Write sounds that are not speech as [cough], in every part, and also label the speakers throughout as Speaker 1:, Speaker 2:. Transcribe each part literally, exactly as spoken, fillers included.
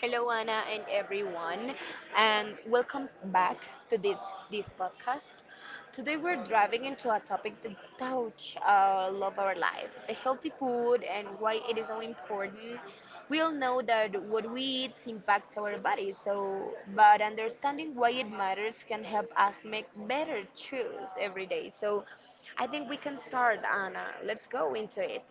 Speaker 1: Hello, Anna, and everyone, and welcome back to this, this podcast. Today, we're driving into a topic that touch our love of our life the healthy food and why it is so important. We all know that what we eat impacts our body, so, but understanding why it matters can help us make better choices every day. So, I think we can start, Anna. Let's go into it.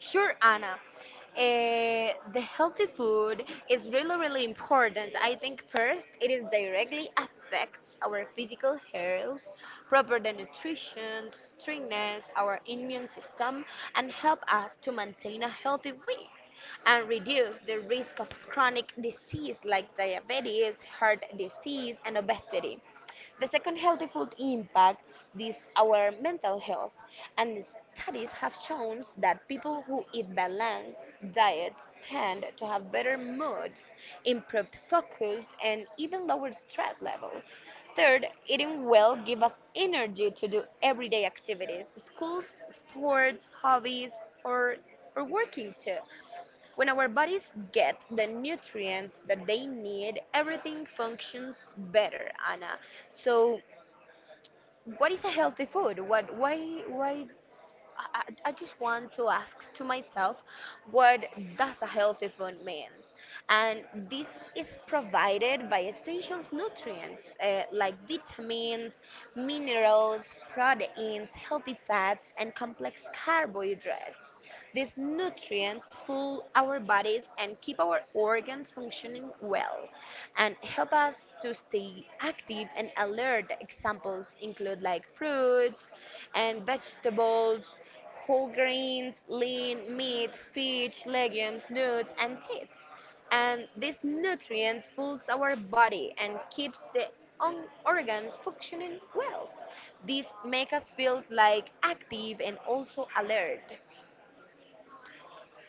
Speaker 1: Sure, Anna. Eh, the healthy food is really, really important. I think first, it is directly affects our physical health, proper the nutrition, strengthens our immune system, and help us to maintain a healthy weight and reduce the risk of chronic disease like diabetes, heart disease, and obesity. The second healthy food impacts this our mental health, and studies have shown that people who eat balanced diets tend to have better moods, improved focus, and even lower stress levels. Third, eating well gives us energy to do everyday activities, schools, sports, hobbies, or or working too. When our bodies get the nutrients that they need, everything functions better, Anna. So, what is a healthy food? What, why, why I, I I just want to ask to myself what does a healthy food means, and this is provided by essential nutrients uh, like vitamins, minerals, proteins, healthy fats, and complex carbohydrates. These nutrients fuel our bodies and keep our organs functioning well and help us to stay active and alert. Examples include like fruits and vegetables, whole grains, lean meats, fish, legumes, nuts and seeds. And these nutrients fuels our body and keeps the on organs functioning well. These make us feel like active and also alert.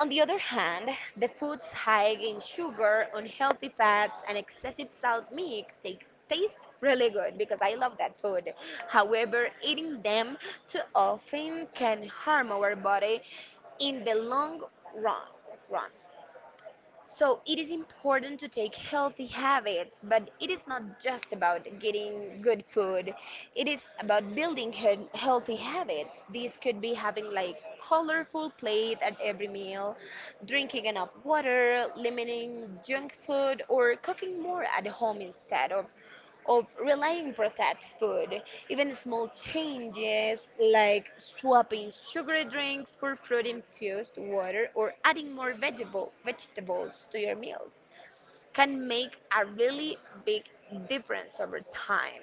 Speaker 1: On the other hand, the foods high in sugar, unhealthy fats, and excessive salt meat take, taste really good because I love that food. However, eating them too often can harm our body in the long run. run. So it is important to take healthy habits, but it is not just about getting good food. It is about building he- healthy habits. These could be having like colorful plate at every meal, drinking enough water, limiting junk food, or cooking more at home instead of of relying processed food. Even small changes like swapping sugary drinks for fruit infused water or adding more vegetable, vegetables to your meals can make a really big difference over time.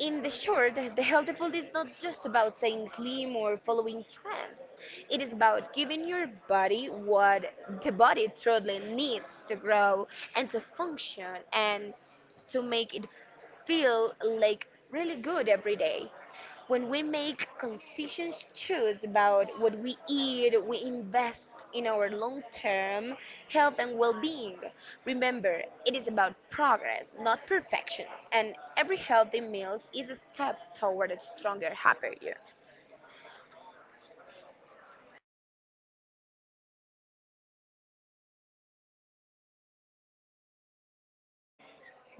Speaker 1: In the short, the healthy food is not just about staying slim or following trends. It is about giving your body what the body truly needs to grow and to function and to make it feel like really good every day. When we make conscious choice about what we eat, we invest in our long-term health and well-being. Remember, it is about progress, not perfection, and every healthy meal is a step toward a stronger, happier. You.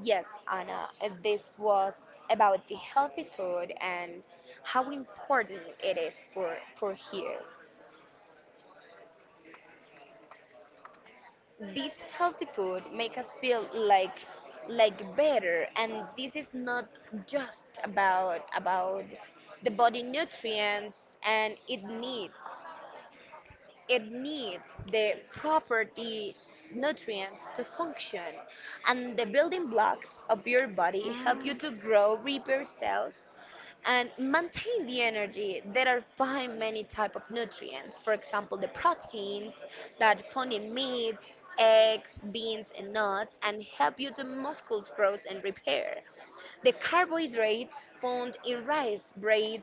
Speaker 1: Yes, Anna, uh, this was about the healthy food and how important it is for for here. This healthy food make us feel like like better, and this is not just about about the body nutrients, and it needs it needs the property nutrients to function, and the building blocks of your body help you
Speaker 2: Mm,
Speaker 1: to grow repair cells and maintain the energy. There are find many type of nutrients. For example, the proteins that found in meats, eggs, beans, and nuts, and help you to muscles growth and repair. The carbohydrates found in rice, breads,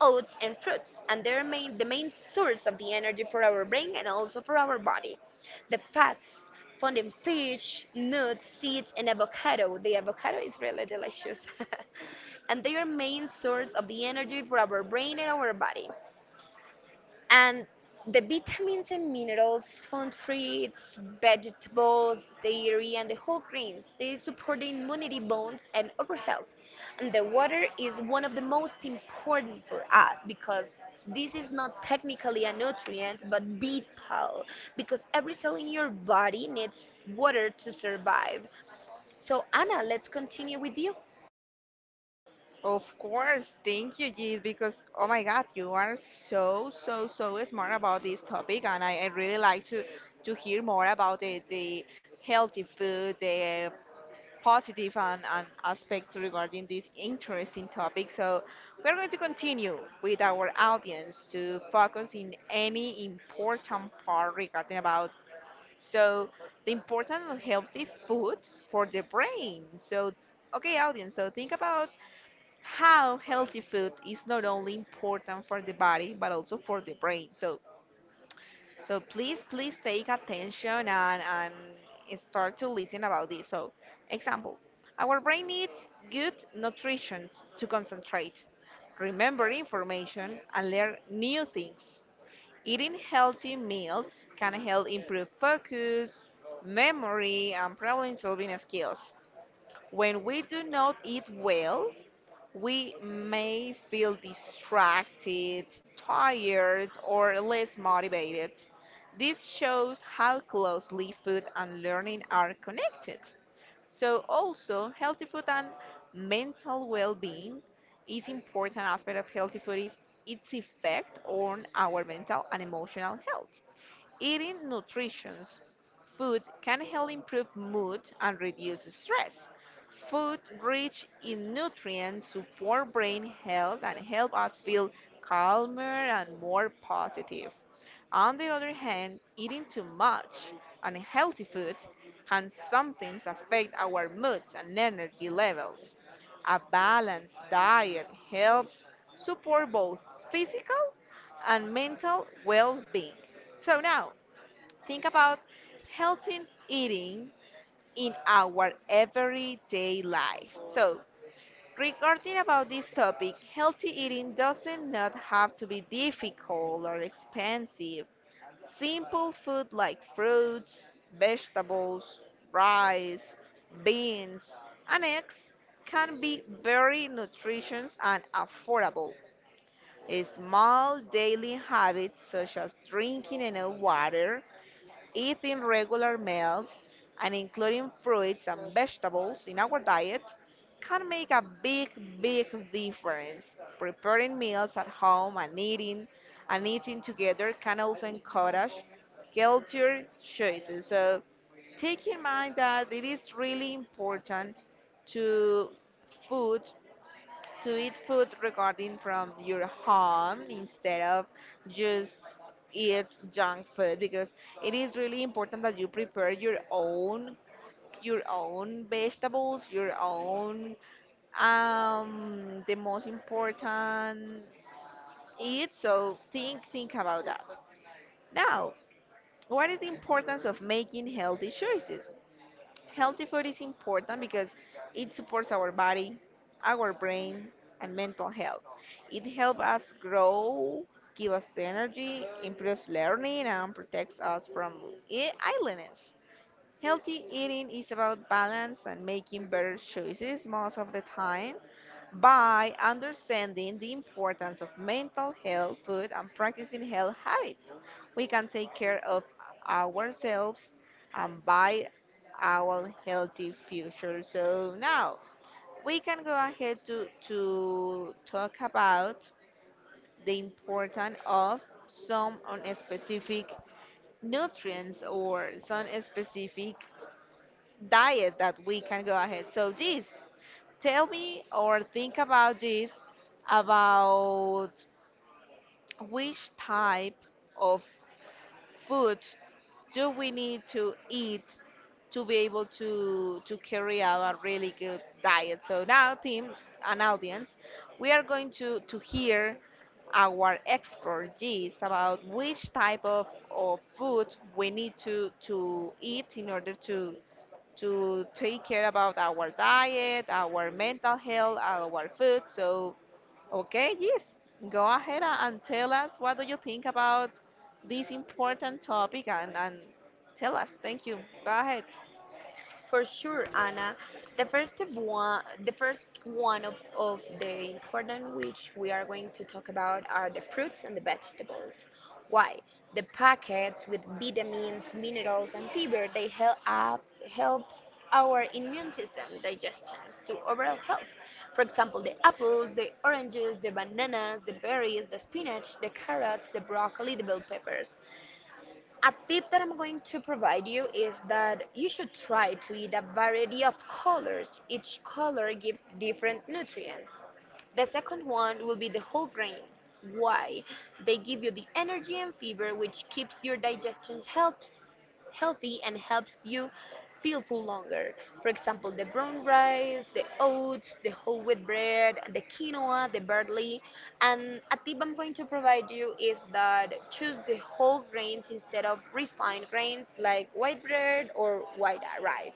Speaker 1: oats, and fruits, and they're main, the main source of the energy for our brain and also for our body. The fats found in fish, nuts, seeds, and avocado. The avocado is really delicious. [laughs] and they are main source of the energy for our brain and our body, and the vitamins and minerals found fruits, vegetables, dairy, and the whole grains. They support the immunity, bones, and overall health. And the water is one of the most important for us because this is not technically a nutrient but vital, because every cell in your body needs water to survive. So, Anna, let's continue with you.
Speaker 2: of course. Thank you, Jeez, because oh my God, you are so, so, so smart about this topic, and I, I really like to to hear more about the, the healthy food, the positive and, and aspects regarding this interesting topic. So we're going to continue with our audience to focus in any important part regarding about so the importance of healthy food for the brain. So okay, audience, so think about how healthy food is not only important for the body but also for the brain. So, so please, please take attention and, and start to listen about this. So, example, our brain needs good nutrition to concentrate, remember information, and learn new things. Eating healthy meals can help improve focus, memory, and problem solving skills. When we do not eat well, we may feel distracted, tired, or less motivated. This shows how closely food and learning are connected. So, also, healthy food and mental well being is important aspect of healthy food is its effect on our mental and emotional health. Eating nutritious food can help improve mood and reduce stress. Food rich in nutrients support brain health and help us feel calmer and more positive. On the other hand, eating too much unhealthy food can sometimes affect our mood and energy levels. A balanced diet helps support both physical and mental well being. So, now, think about healthy eating in our everyday life. So, regarding about this topic, healthy eating doesn't not have to be difficult or expensive. Simple food like fruits, vegetables, rice, beans, and eggs can be very nutritious and affordable. Small daily habits such as drinking enough water, eating regular meals and including fruits and vegetables in our diet can make a big, big difference. Preparing meals at home and eating and eating together can also encourage healthier choices. So take in mind that it is really important to food to eat food regarding from your home instead of just eat junk food because it is really important that you prepare your own your own vegetables your own um the most important eat. So think think about that now. What is the importance of making healthy choices? Healthy food is important because it supports our body, our brain, and mental health. It helps us grow, give us energy, improves learning, and protects us from i- illness. Healthy eating is about balance and making better choices most of the time by understanding the importance of mental health, food, and practicing health habits. We can take care of ourselves and buy our healthy future. So now we can go ahead to, to talk about the importance of some on specific nutrients or some specific diet that we can go ahead. So this tell me or think about this about which type of food do we need to eat to be able to to carry out a really good diet. So now team an audience, we are going to to hear our expert G's about which type of, of food we need to to eat in order to to take care about our diet, our mental health, our food. So, okay, yes, go ahead a- and tell us what do you think about this important topic and, and tell us. Thank you. Go ahead.
Speaker 1: For sure, Anna. The first of one, the first one of, of the important which we are going to talk about are the fruits and the vegetables. Why? The packets with vitamins, minerals, and fiber they help up helps our immune system, digestions, to overall health. For example, the apples, the oranges, the bananas, the berries, the spinach, the carrots, the broccoli, the bell peppers. A tip that I'm going to provide you is that you should try to eat a variety of colors. Each color gives different nutrients. The second one will be the whole grains. Why? They give you the energy and fiber which keeps your digestion helps healthy and helps you feel full longer. For example, the brown rice, the oats, the whole wheat bread, the quinoa, the barley. And a tip I'm going to provide you is that choose the whole grains instead of refined grains like white bread or white rice.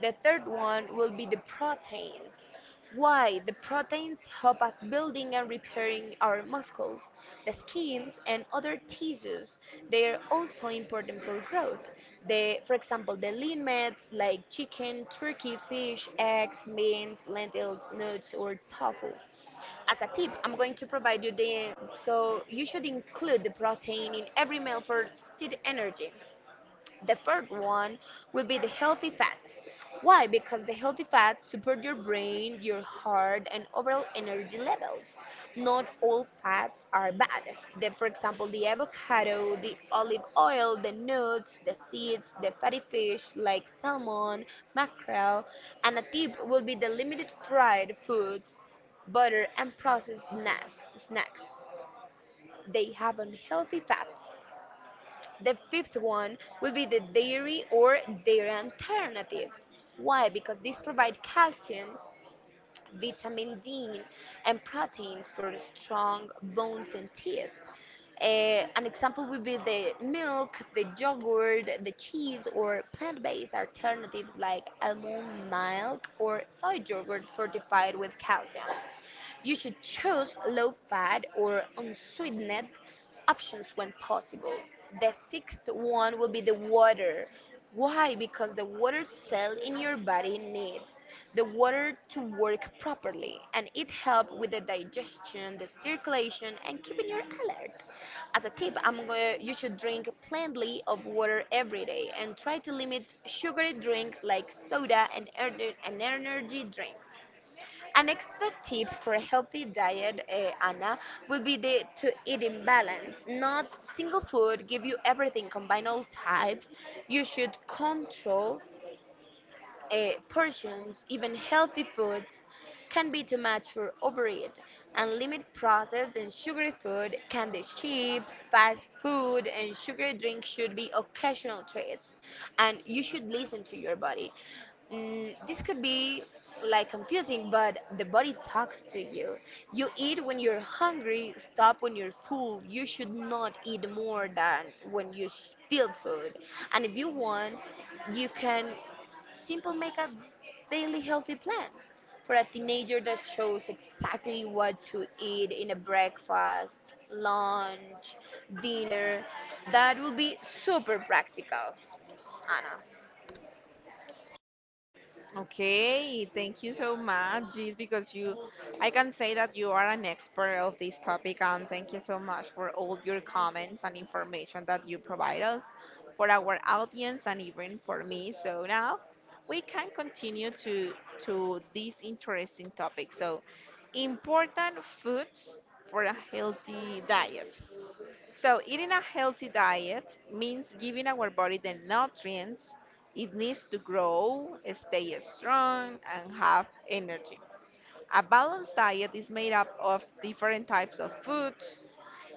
Speaker 1: The third one will be the proteins. Why? The proteins help us building and repairing our muscles, the skins, and other tissues. They are also important for growth. They, for example, the lean meats like chicken, turkey, fish, eggs, beans, lentils, nuts, or tofu. As a tip, I'm going to provide you the so you should include the protein in every meal for steady energy. The third one will be the healthy fats. Why? Because the healthy fats support your brain, your heart, and overall energy levels. Not all fats are bad. The, for example, the avocado, the olive oil, the nuts, the seeds, the fatty fish like salmon, mackerel, and a tip will be the limited fried foods, butter, and processed nas- snacks. They have unhealthy fats. The fifth one will be the dairy or dairy alternatives. Why? Because these provide calcium, vitamin D, and proteins for strong bones and teeth. Eh, an example would be the milk, the yogurt, the cheese, or plant based alternatives like almond milk or soy yogurt fortified with calcium. You should choose low-fat or unsweetened options when possible. The sixth one will be the water. Why? Because the water cell in your body needs the water to work properly, and it helps with the digestion, the circulation, and keeping you alert. As a tip, I'm gonna, you should drink plenty of water every day and try to limit sugary drinks like soda and, ener- and energy drinks. An extra tip for a healthy diet, eh, Anna, would be the, to eat in balance. Not single food give you everything. Combine all types. You should control uh, portions, even healthy foods, can be too much for overeat, and limit processed and sugary food, candy chips, fast food, and sugary drinks should be occasional treats, and you should listen to your body. Mm, this could be like confusing, but the body talks to you. You eat when you're hungry, stop when you're full. You should not eat more than when you sh- feel food. And if you want, you can Simple make a daily healthy plan for a teenager that shows exactly what to eat in a breakfast, lunch, dinner. That will be super practical, Anna.
Speaker 2: Okay, thank you so much, Jeez, because you, I can say that you are an expert of this topic, and thank you so much for all your comments and information that you provide us for our audience and even for me. So now we can continue to to this interesting topic. So, important foods for a healthy diet. So, eating a healthy diet means giving our body the nutrients it needs to grow, stay strong, and have energy. A balanced diet is made up of different types of foods,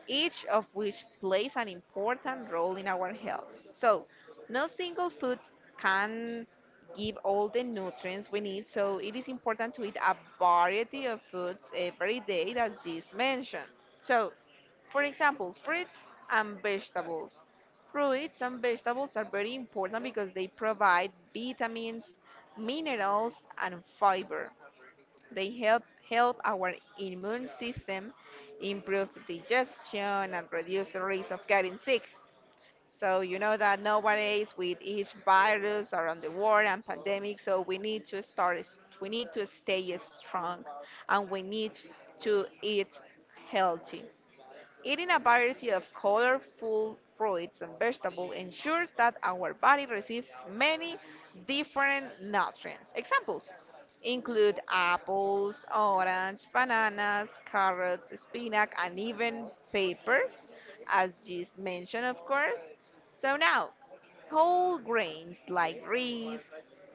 Speaker 2: each of which plays an important role in our health. So, no single food can give all the nutrients we need, so it is important to eat a variety of foods every day that is mentioned. So, for example, fruits and vegetables. Fruits and vegetables are very important because they provide vitamins, minerals, and fiber. They help help our immune system improve digestion and reduce the risk of getting sick. So you know that nowadays with each virus around the world and pandemic, so we need to start s- we need to stay strong and we need to eat healthy. Eating a variety of colorful fruits and vegetables ensures that our body receives many different nutrients. Examples include apples, orange, bananas, carrots, spinach, and even peppers, as just mentioned, of course. So now, whole grains like rice,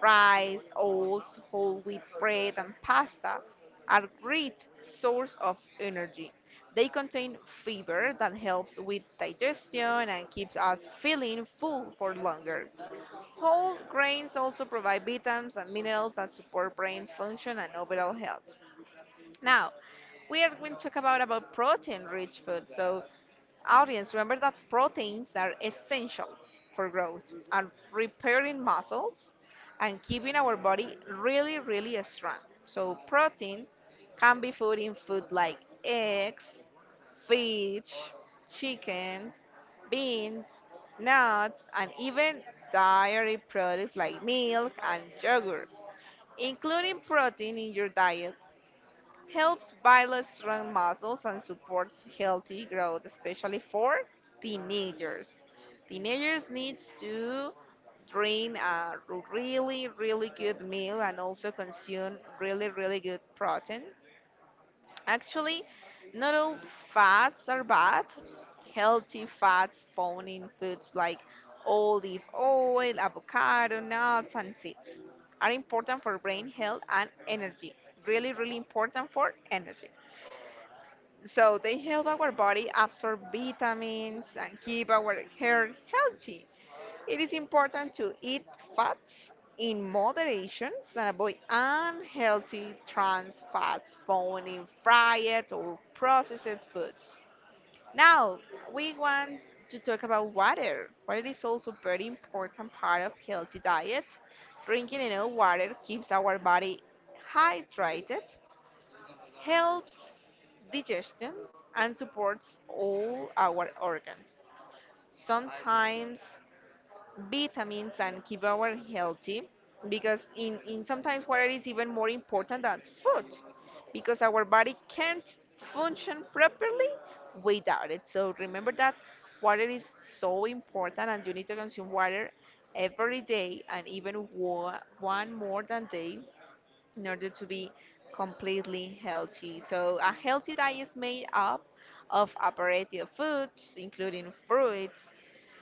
Speaker 2: rice, oats, whole wheat bread, and pasta are great source of energy. They contain fiber that helps with digestion and keeps us feeling full for longer. Whole grains also provide vitamins and minerals that support brain function and overall health. Now, we are going to talk about about protein-rich food. So, audience, remember that proteins are essential for growth and repairing muscles and keeping our body really, really strong. So, protein can be food in food like eggs, fish, chickens, beans, nuts, and even dairy products like milk and yogurt. Including protein in your diet helps build strong muscles and supports healthy growth, especially for teenagers. Teenagers needs to drink a really, really good meal and also consume really, really good protein. Actually, not all fats are bad. Healthy fats found in foods like olive oil, avocado, nuts, and seeds are important for brain health and energy. Really, really important for energy. So they help our body absorb vitamins and keep our hair healthy. It is important to eat fats in moderation and avoid unhealthy trans fats found in fried or processed foods. Now, we want to talk about water. Water is also a very important part of healthy diet. Drinking enough water keeps our body hydrated, helps digestion and supports all our organs. Sometimes vitamins and keep our healthy because in, in sometimes water is even more important than food because our body can't function properly without it. So remember that water is so important and you need to consume water every day and even one, one more than day in order to be completely healthy. So a healthy diet is made up of a variety of foods, including fruits,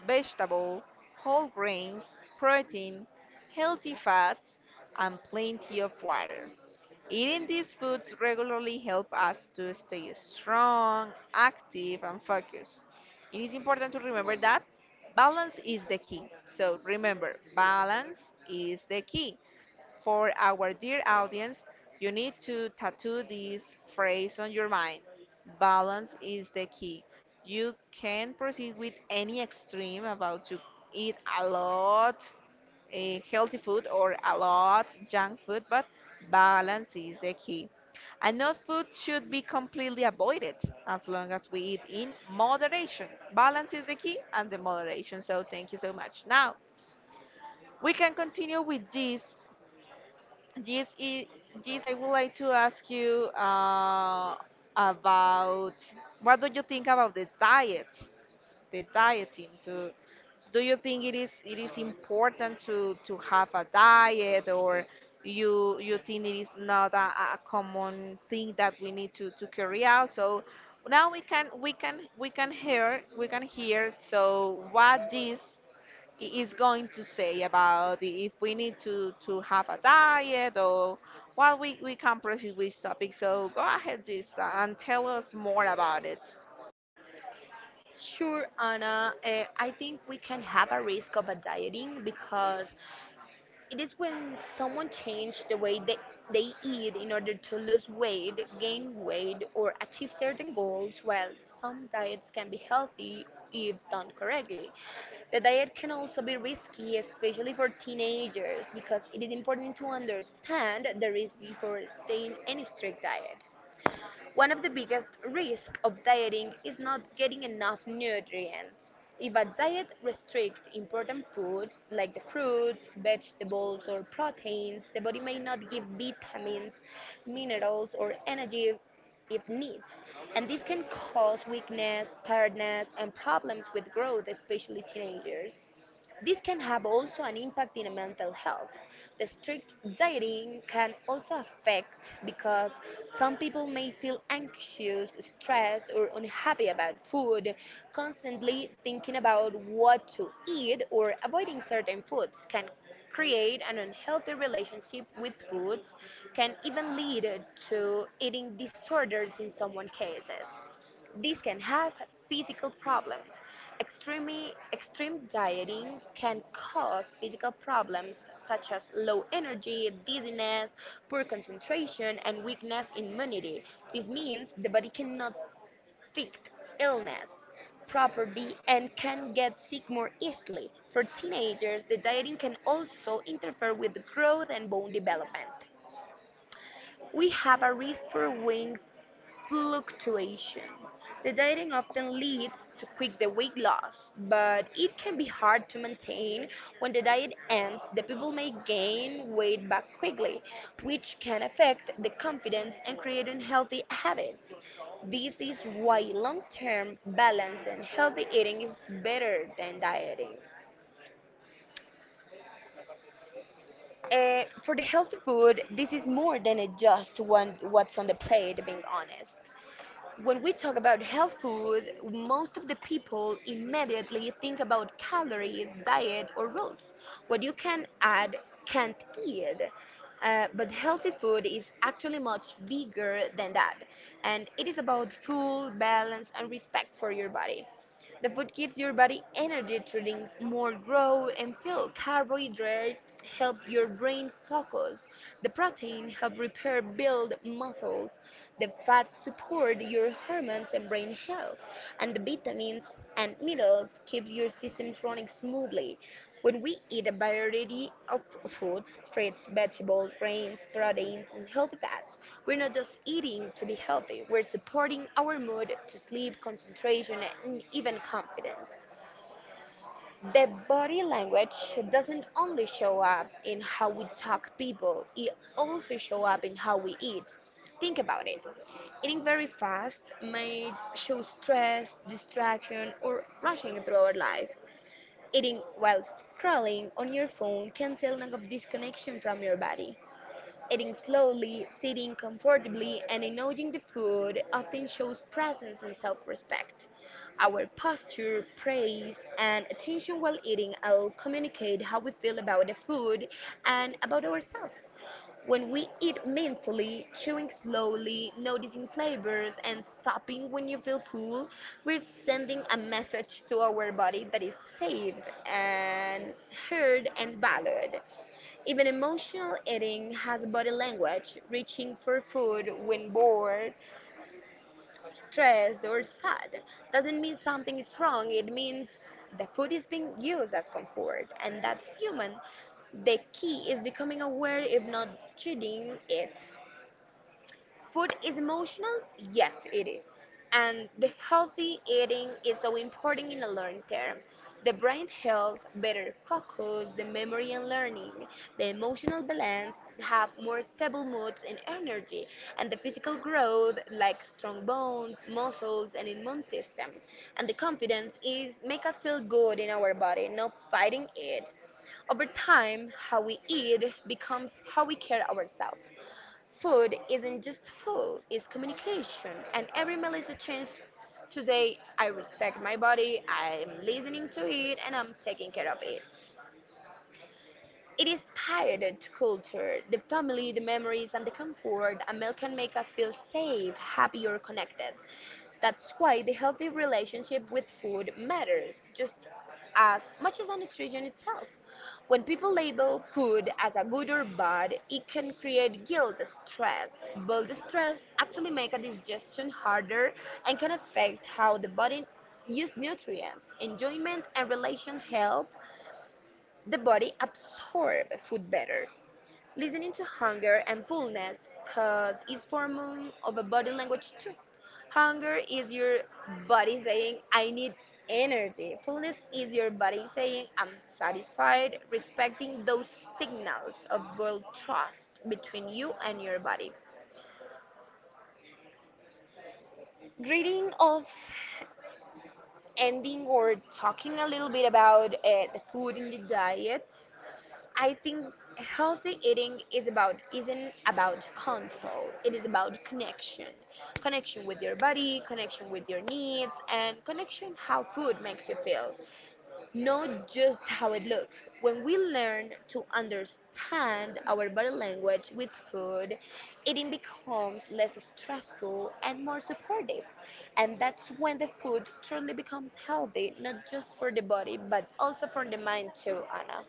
Speaker 2: vegetable, whole grains, protein, healthy fats, and plenty of water. Eating these foods regularly help us to stay strong, active, and focused. It is important to remember that balance is the key. So remember, balance is the key. For our dear audience, you need to tattoo this phrase on your mind. Balance is the key. You can proceed with any extreme about to eat a lot eh, healthy food or a lot junk food, but balance is the key. And no food should be completely avoided as long as we eat in moderation. Balance is the key and the moderation. So thank you so much. Now we can continue with this. Yes, i- yes, I would like to ask you uh, about what do you think about the diet, the dieting? So, do you think it is it is important to to have a diet, or you you think it is not a, a a common thing that we need to to carry out? So now we can we can we can hear we can hear. So what is i- is going to say about if we need to, to have a diet or what we, we can proceed with topic. So go ahead, Gisa, and tell us more about it.
Speaker 1: Sure, Anna. Uh, I think we can have a risk of a dieting because it is when someone changes the way they, they eat in order to lose weight, gain weight, or achieve certain goals, while some diets can be healthy if done correctly. The diet can also be risky, especially for teenagers, because it is important to understand the risk before staying in a strict diet. One of the biggest risks of dieting is not getting enough nutrients. If a diet restricts important foods like the fruits, vegetables, or proteins, the body may not give vitamins, minerals, or energy it needs, and this can cause weakness, tiredness, and problems with growth, especially teenagers. This can have also an impact in mental health. The strict dieting can also affect because some people may feel anxious, stressed, or unhappy about food, constantly thinking about what to eat or avoiding certain foods can create an unhealthy relationship with foods, can even lead to eating disorders in someone cases. This can have physical problems. Extreme, extreme dieting can cause physical problems such as low energy, dizziness, poor concentration, and weakness in immunity. This means the body cannot fight illness properly and can get sick more easily. For teenagers, the dieting can also interfere with growth and bone development. We have a risk for weight fluctuation. The dieting often leads to quick the weight loss, but it can be hard to maintain. When the diet ends, the people may gain weight back quickly, which can affect the confidence and create unhealthy habits. This is why long-term balance and healthy eating is better than dieting. Uh, for the healthy food, this is more than just one what's on the plate, being honest. When we talk about health food, most of the people immediately think about calories, diet, or rules. What you can add can't eat. Uh, but healthy food is actually much bigger than that. And it is about full balance and respect for your body. The food gives your body energy to drink more grow and fuel. Carbohydrates help your brain focus. The protein help repair build muscles. The fats support your hormones and brain health. And the vitamins and meals keeps your systems running smoothly. When we eat a variety of foods, fruits, vegetables, grains, proteins, and healthy fats, we're not just eating to be healthy, we're supporting our mood to sleep, concentration, and even confidence. The body language doesn't only show up in how we talk people, it also show up in how we eat. Think about it. Eating very fast may show stress, distraction, or rushing through our life. Eating while scrolling on your phone can signal a disconnection from your body. Eating slowly, sitting comfortably, and enjoying the food often shows presence and self respect. Our posture, praise, and attention while eating all communicate how we feel about the food and about ourselves. When we eat mindfully, chewing slowly, noticing flavors, and stopping when you feel full, we're sending a message to our body that is safe and heard and valued. Even emotional eating has body language. Reaching for food when bored, stressed, or sad doesn't mean something is wrong. It means the food is being used as comfort, and that's human. The key is becoming aware, if not cheating it. Food is emotional? Yes, it is. And the healthy eating is so important in the long term. The brain health, better focus, the memory and learning, the emotional balance, have more stable moods and energy, and the physical growth like strong bones, muscles, and immune system. And the confidence is make us feel good in our body, not fighting it. Over time, how we eat becomes how we care ourselves. Food isn't just food, it's communication, and every meal is a chance to say, I respect my body, I'm listening to it, and I'm taking care of it. It is tied to culture, the family, the memories, and the comfort a meal can make us feel safe, happy, or connected. That's why the healthy relationship with food matters just as much as the nutrition itself. When people label food as a good or bad, it can create guilt, stress. But the stress actually make a digestion harder and can affect how the body use nutrients. Enjoyment and relation help the body absorbs food better, listening to hunger and fullness because it's form of a body language too. Hunger is your body saying, I need energy. Fullness is your body saying, I'm satisfied, respecting those signals of world trust between you and your body. Greeting of ending or talking a little bit about uh, the food and the diets, I think healthy eating is about isn't about control. It is about connection, connection with your body, connection with your needs, and connection how food makes you feel not just how it looks. When we learn to understand our body language with food, eating becomes less stressful and more supportive. And that's when the food truly becomes healthy, not just for the body, but also for the mind too, Anna.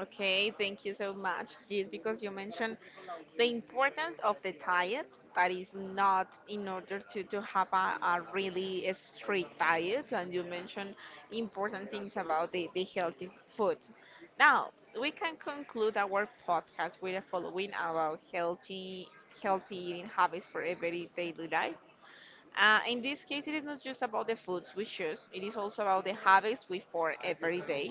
Speaker 2: Okay, thank you so much. Yes, because you mentioned the importance of the diet, that is not in order to, to have a, a really a strict diet, and you mentioned important things about the, the healthy food. Now, we can conclude our podcast with the following about healthy healthy eating habits for everyday daily life. Uh, in this case, it is not just about the foods we choose, it is also about the habits we form every day.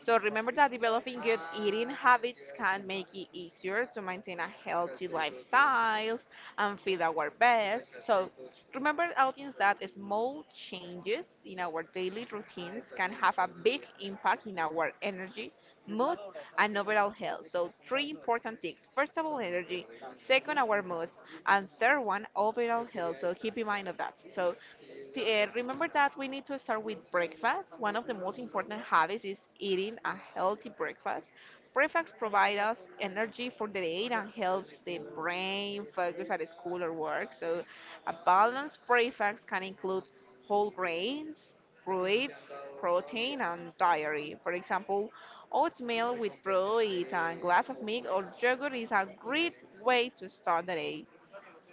Speaker 2: So remember that developing good eating habits can make it easier to maintain a healthy lifestyle and feel our best. So remember, audience, that small changes in our daily routines can have a big impact in our energy, mood, and overall health. So three important things. First of all, energy. Second, our mood and third one overall health. So keep in mind of that. So t- uh, remember that we need to start with breakfast. One of the most important habits is eating a healthy breakfast. Breakfast provides us energy for the day and helps the brain focus at school or work. So a balanced breakfast can include whole grains, fruits, protein and dairy. For example, oatmeal with fruit and glass of milk or yogurt is a great way to start the day.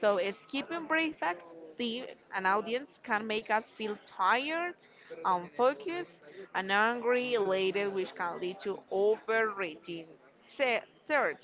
Speaker 2: So, uh, skipping breakfast, the, an audience can make us feel tired, unfocused, and angry later, which can lead to overeating. Se- Third,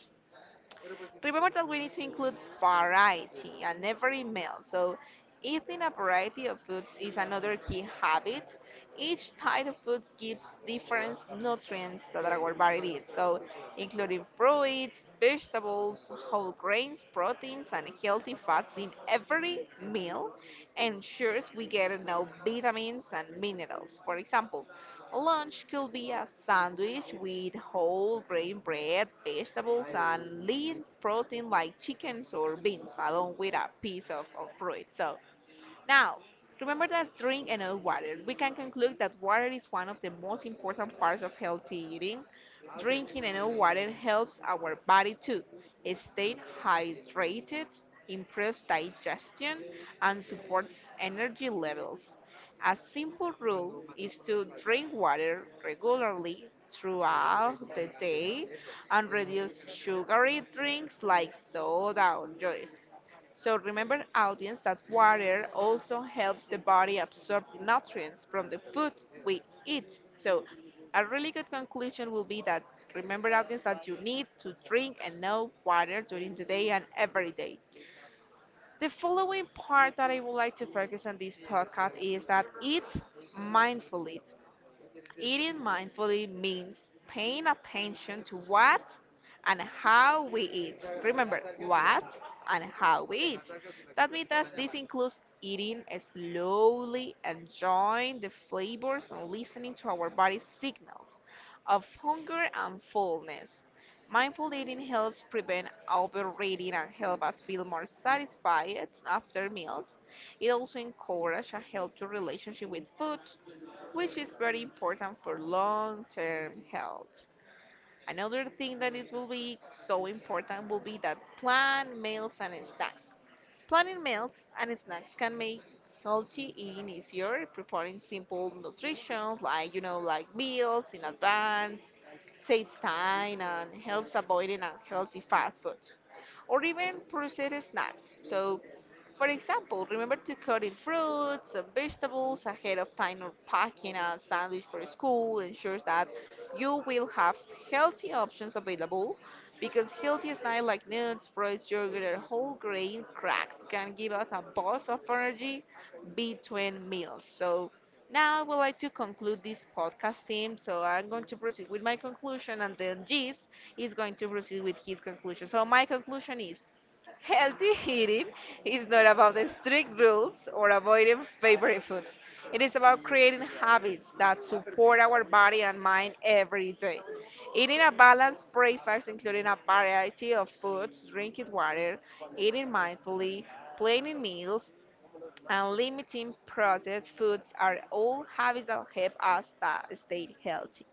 Speaker 2: remember that we need to include variety in every meal. So, eating a variety of foods is another key habit. Each type of food gives different nutrients that our body needs. So, including fruits, vegetables, whole grains, proteins, and healthy fats in every meal ensures we get enough vitamins and minerals. For example, lunch could be a sandwich with whole grain bread, vegetables, and lean protein like chickens or beans, along with a piece of, of fruit. So now, remember that drink enough water. We can conclude that water is one of the most important parts of healthy eating. Drinking enough water helps our body to stay hydrated, improves digestion, and supports energy levels. A simple rule is to drink water regularly throughout the day and reduce sugary drinks like soda or juice. So remember, audience, that water also helps the body absorb nutrients from the food we eat. So a really good conclusion will be that remember, audience, that you need to drink enough water during the day and every day. The following part that I would like to focus on this podcast is that eat mindfully. Eating mindfully means paying attention to what and how we eat. Remember, what and how we eat. That means that this includes eating slowly, enjoying the flavors, and listening to our body's signals of hunger and fullness. Mindful eating helps prevent overeating and help us feel more satisfied after meals. It also encourages a healthy relationship with food which is very important for long term health. Another thing that is will be so important will be that plan meals and snacks. Planning meals and snacks can make healthy eating easier, preparing simple nutrition like you know like meals in advance, saves time and helps avoiding unhealthy fast food. Or even processed snacks. So for example, remember to cut in fruits and vegetables ahead of time or packing a sandwich for school ensures that you will have healthy options available because healthy snacks like nuts, fruits, yogurt, and whole grain cracks can give us a burst of energy between meals. So now I would like to conclude this podcast team. So I'm going to proceed with my conclusion, and then Giz is going to proceed with his conclusion. So my conclusion is healthy eating is not about strict rules or avoiding favorite foods. It is about creating habits that support our body and mind every day. Eating a balanced breakfast, including a variety of foods, drinking water, eating mindfully, planning meals, and limiting processed foods are all habits that help us sta- stay healthy.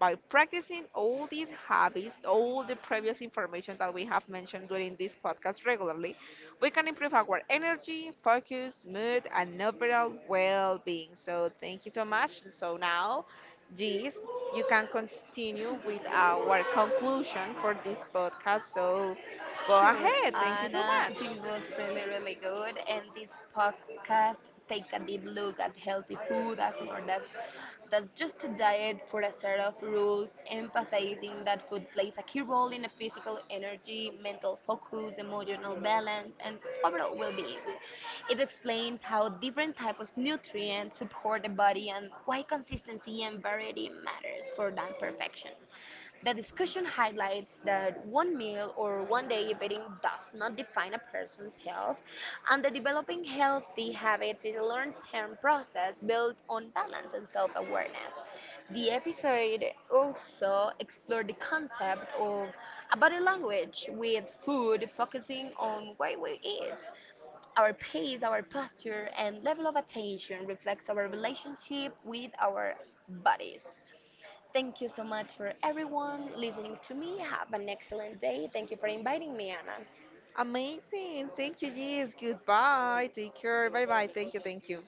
Speaker 2: By practicing all these habits, all the previous information that we have mentioned during this podcast regularly, we can improve our energy, focus, mood, and overall well being. So, thank you so much. So, now, Gis, you can continue with our conclusion for this podcast. So, go
Speaker 1: Sure,
Speaker 2: ahead. Thank you so
Speaker 1: Anna,
Speaker 2: much.
Speaker 1: this was really, really good. And this podcast, take a deep look at healthy food as more that's, that's just a diet for a set of rules, empathizing that food plays a key role in the physical energy, mental focus, emotional balance, and overall well-being. It explains how different types of nutrients support the body and why consistency and variety matters for that perfection. The discussion highlights that one meal or one day eating does not define a person's health, and that developing healthy habits is a long term process built on balance and self awareness. The episode also explored the concept of a body language with food, focusing on what we eat. Our pace, our posture, and level of attention reflects our relationship with our bodies. Thank you so much for everyone listening to me. Have an excellent day. Thank you for inviting me, Anna.
Speaker 2: Amazing. Thank you, Gis. Goodbye. Take care. Bye bye. Thank you. Thank you.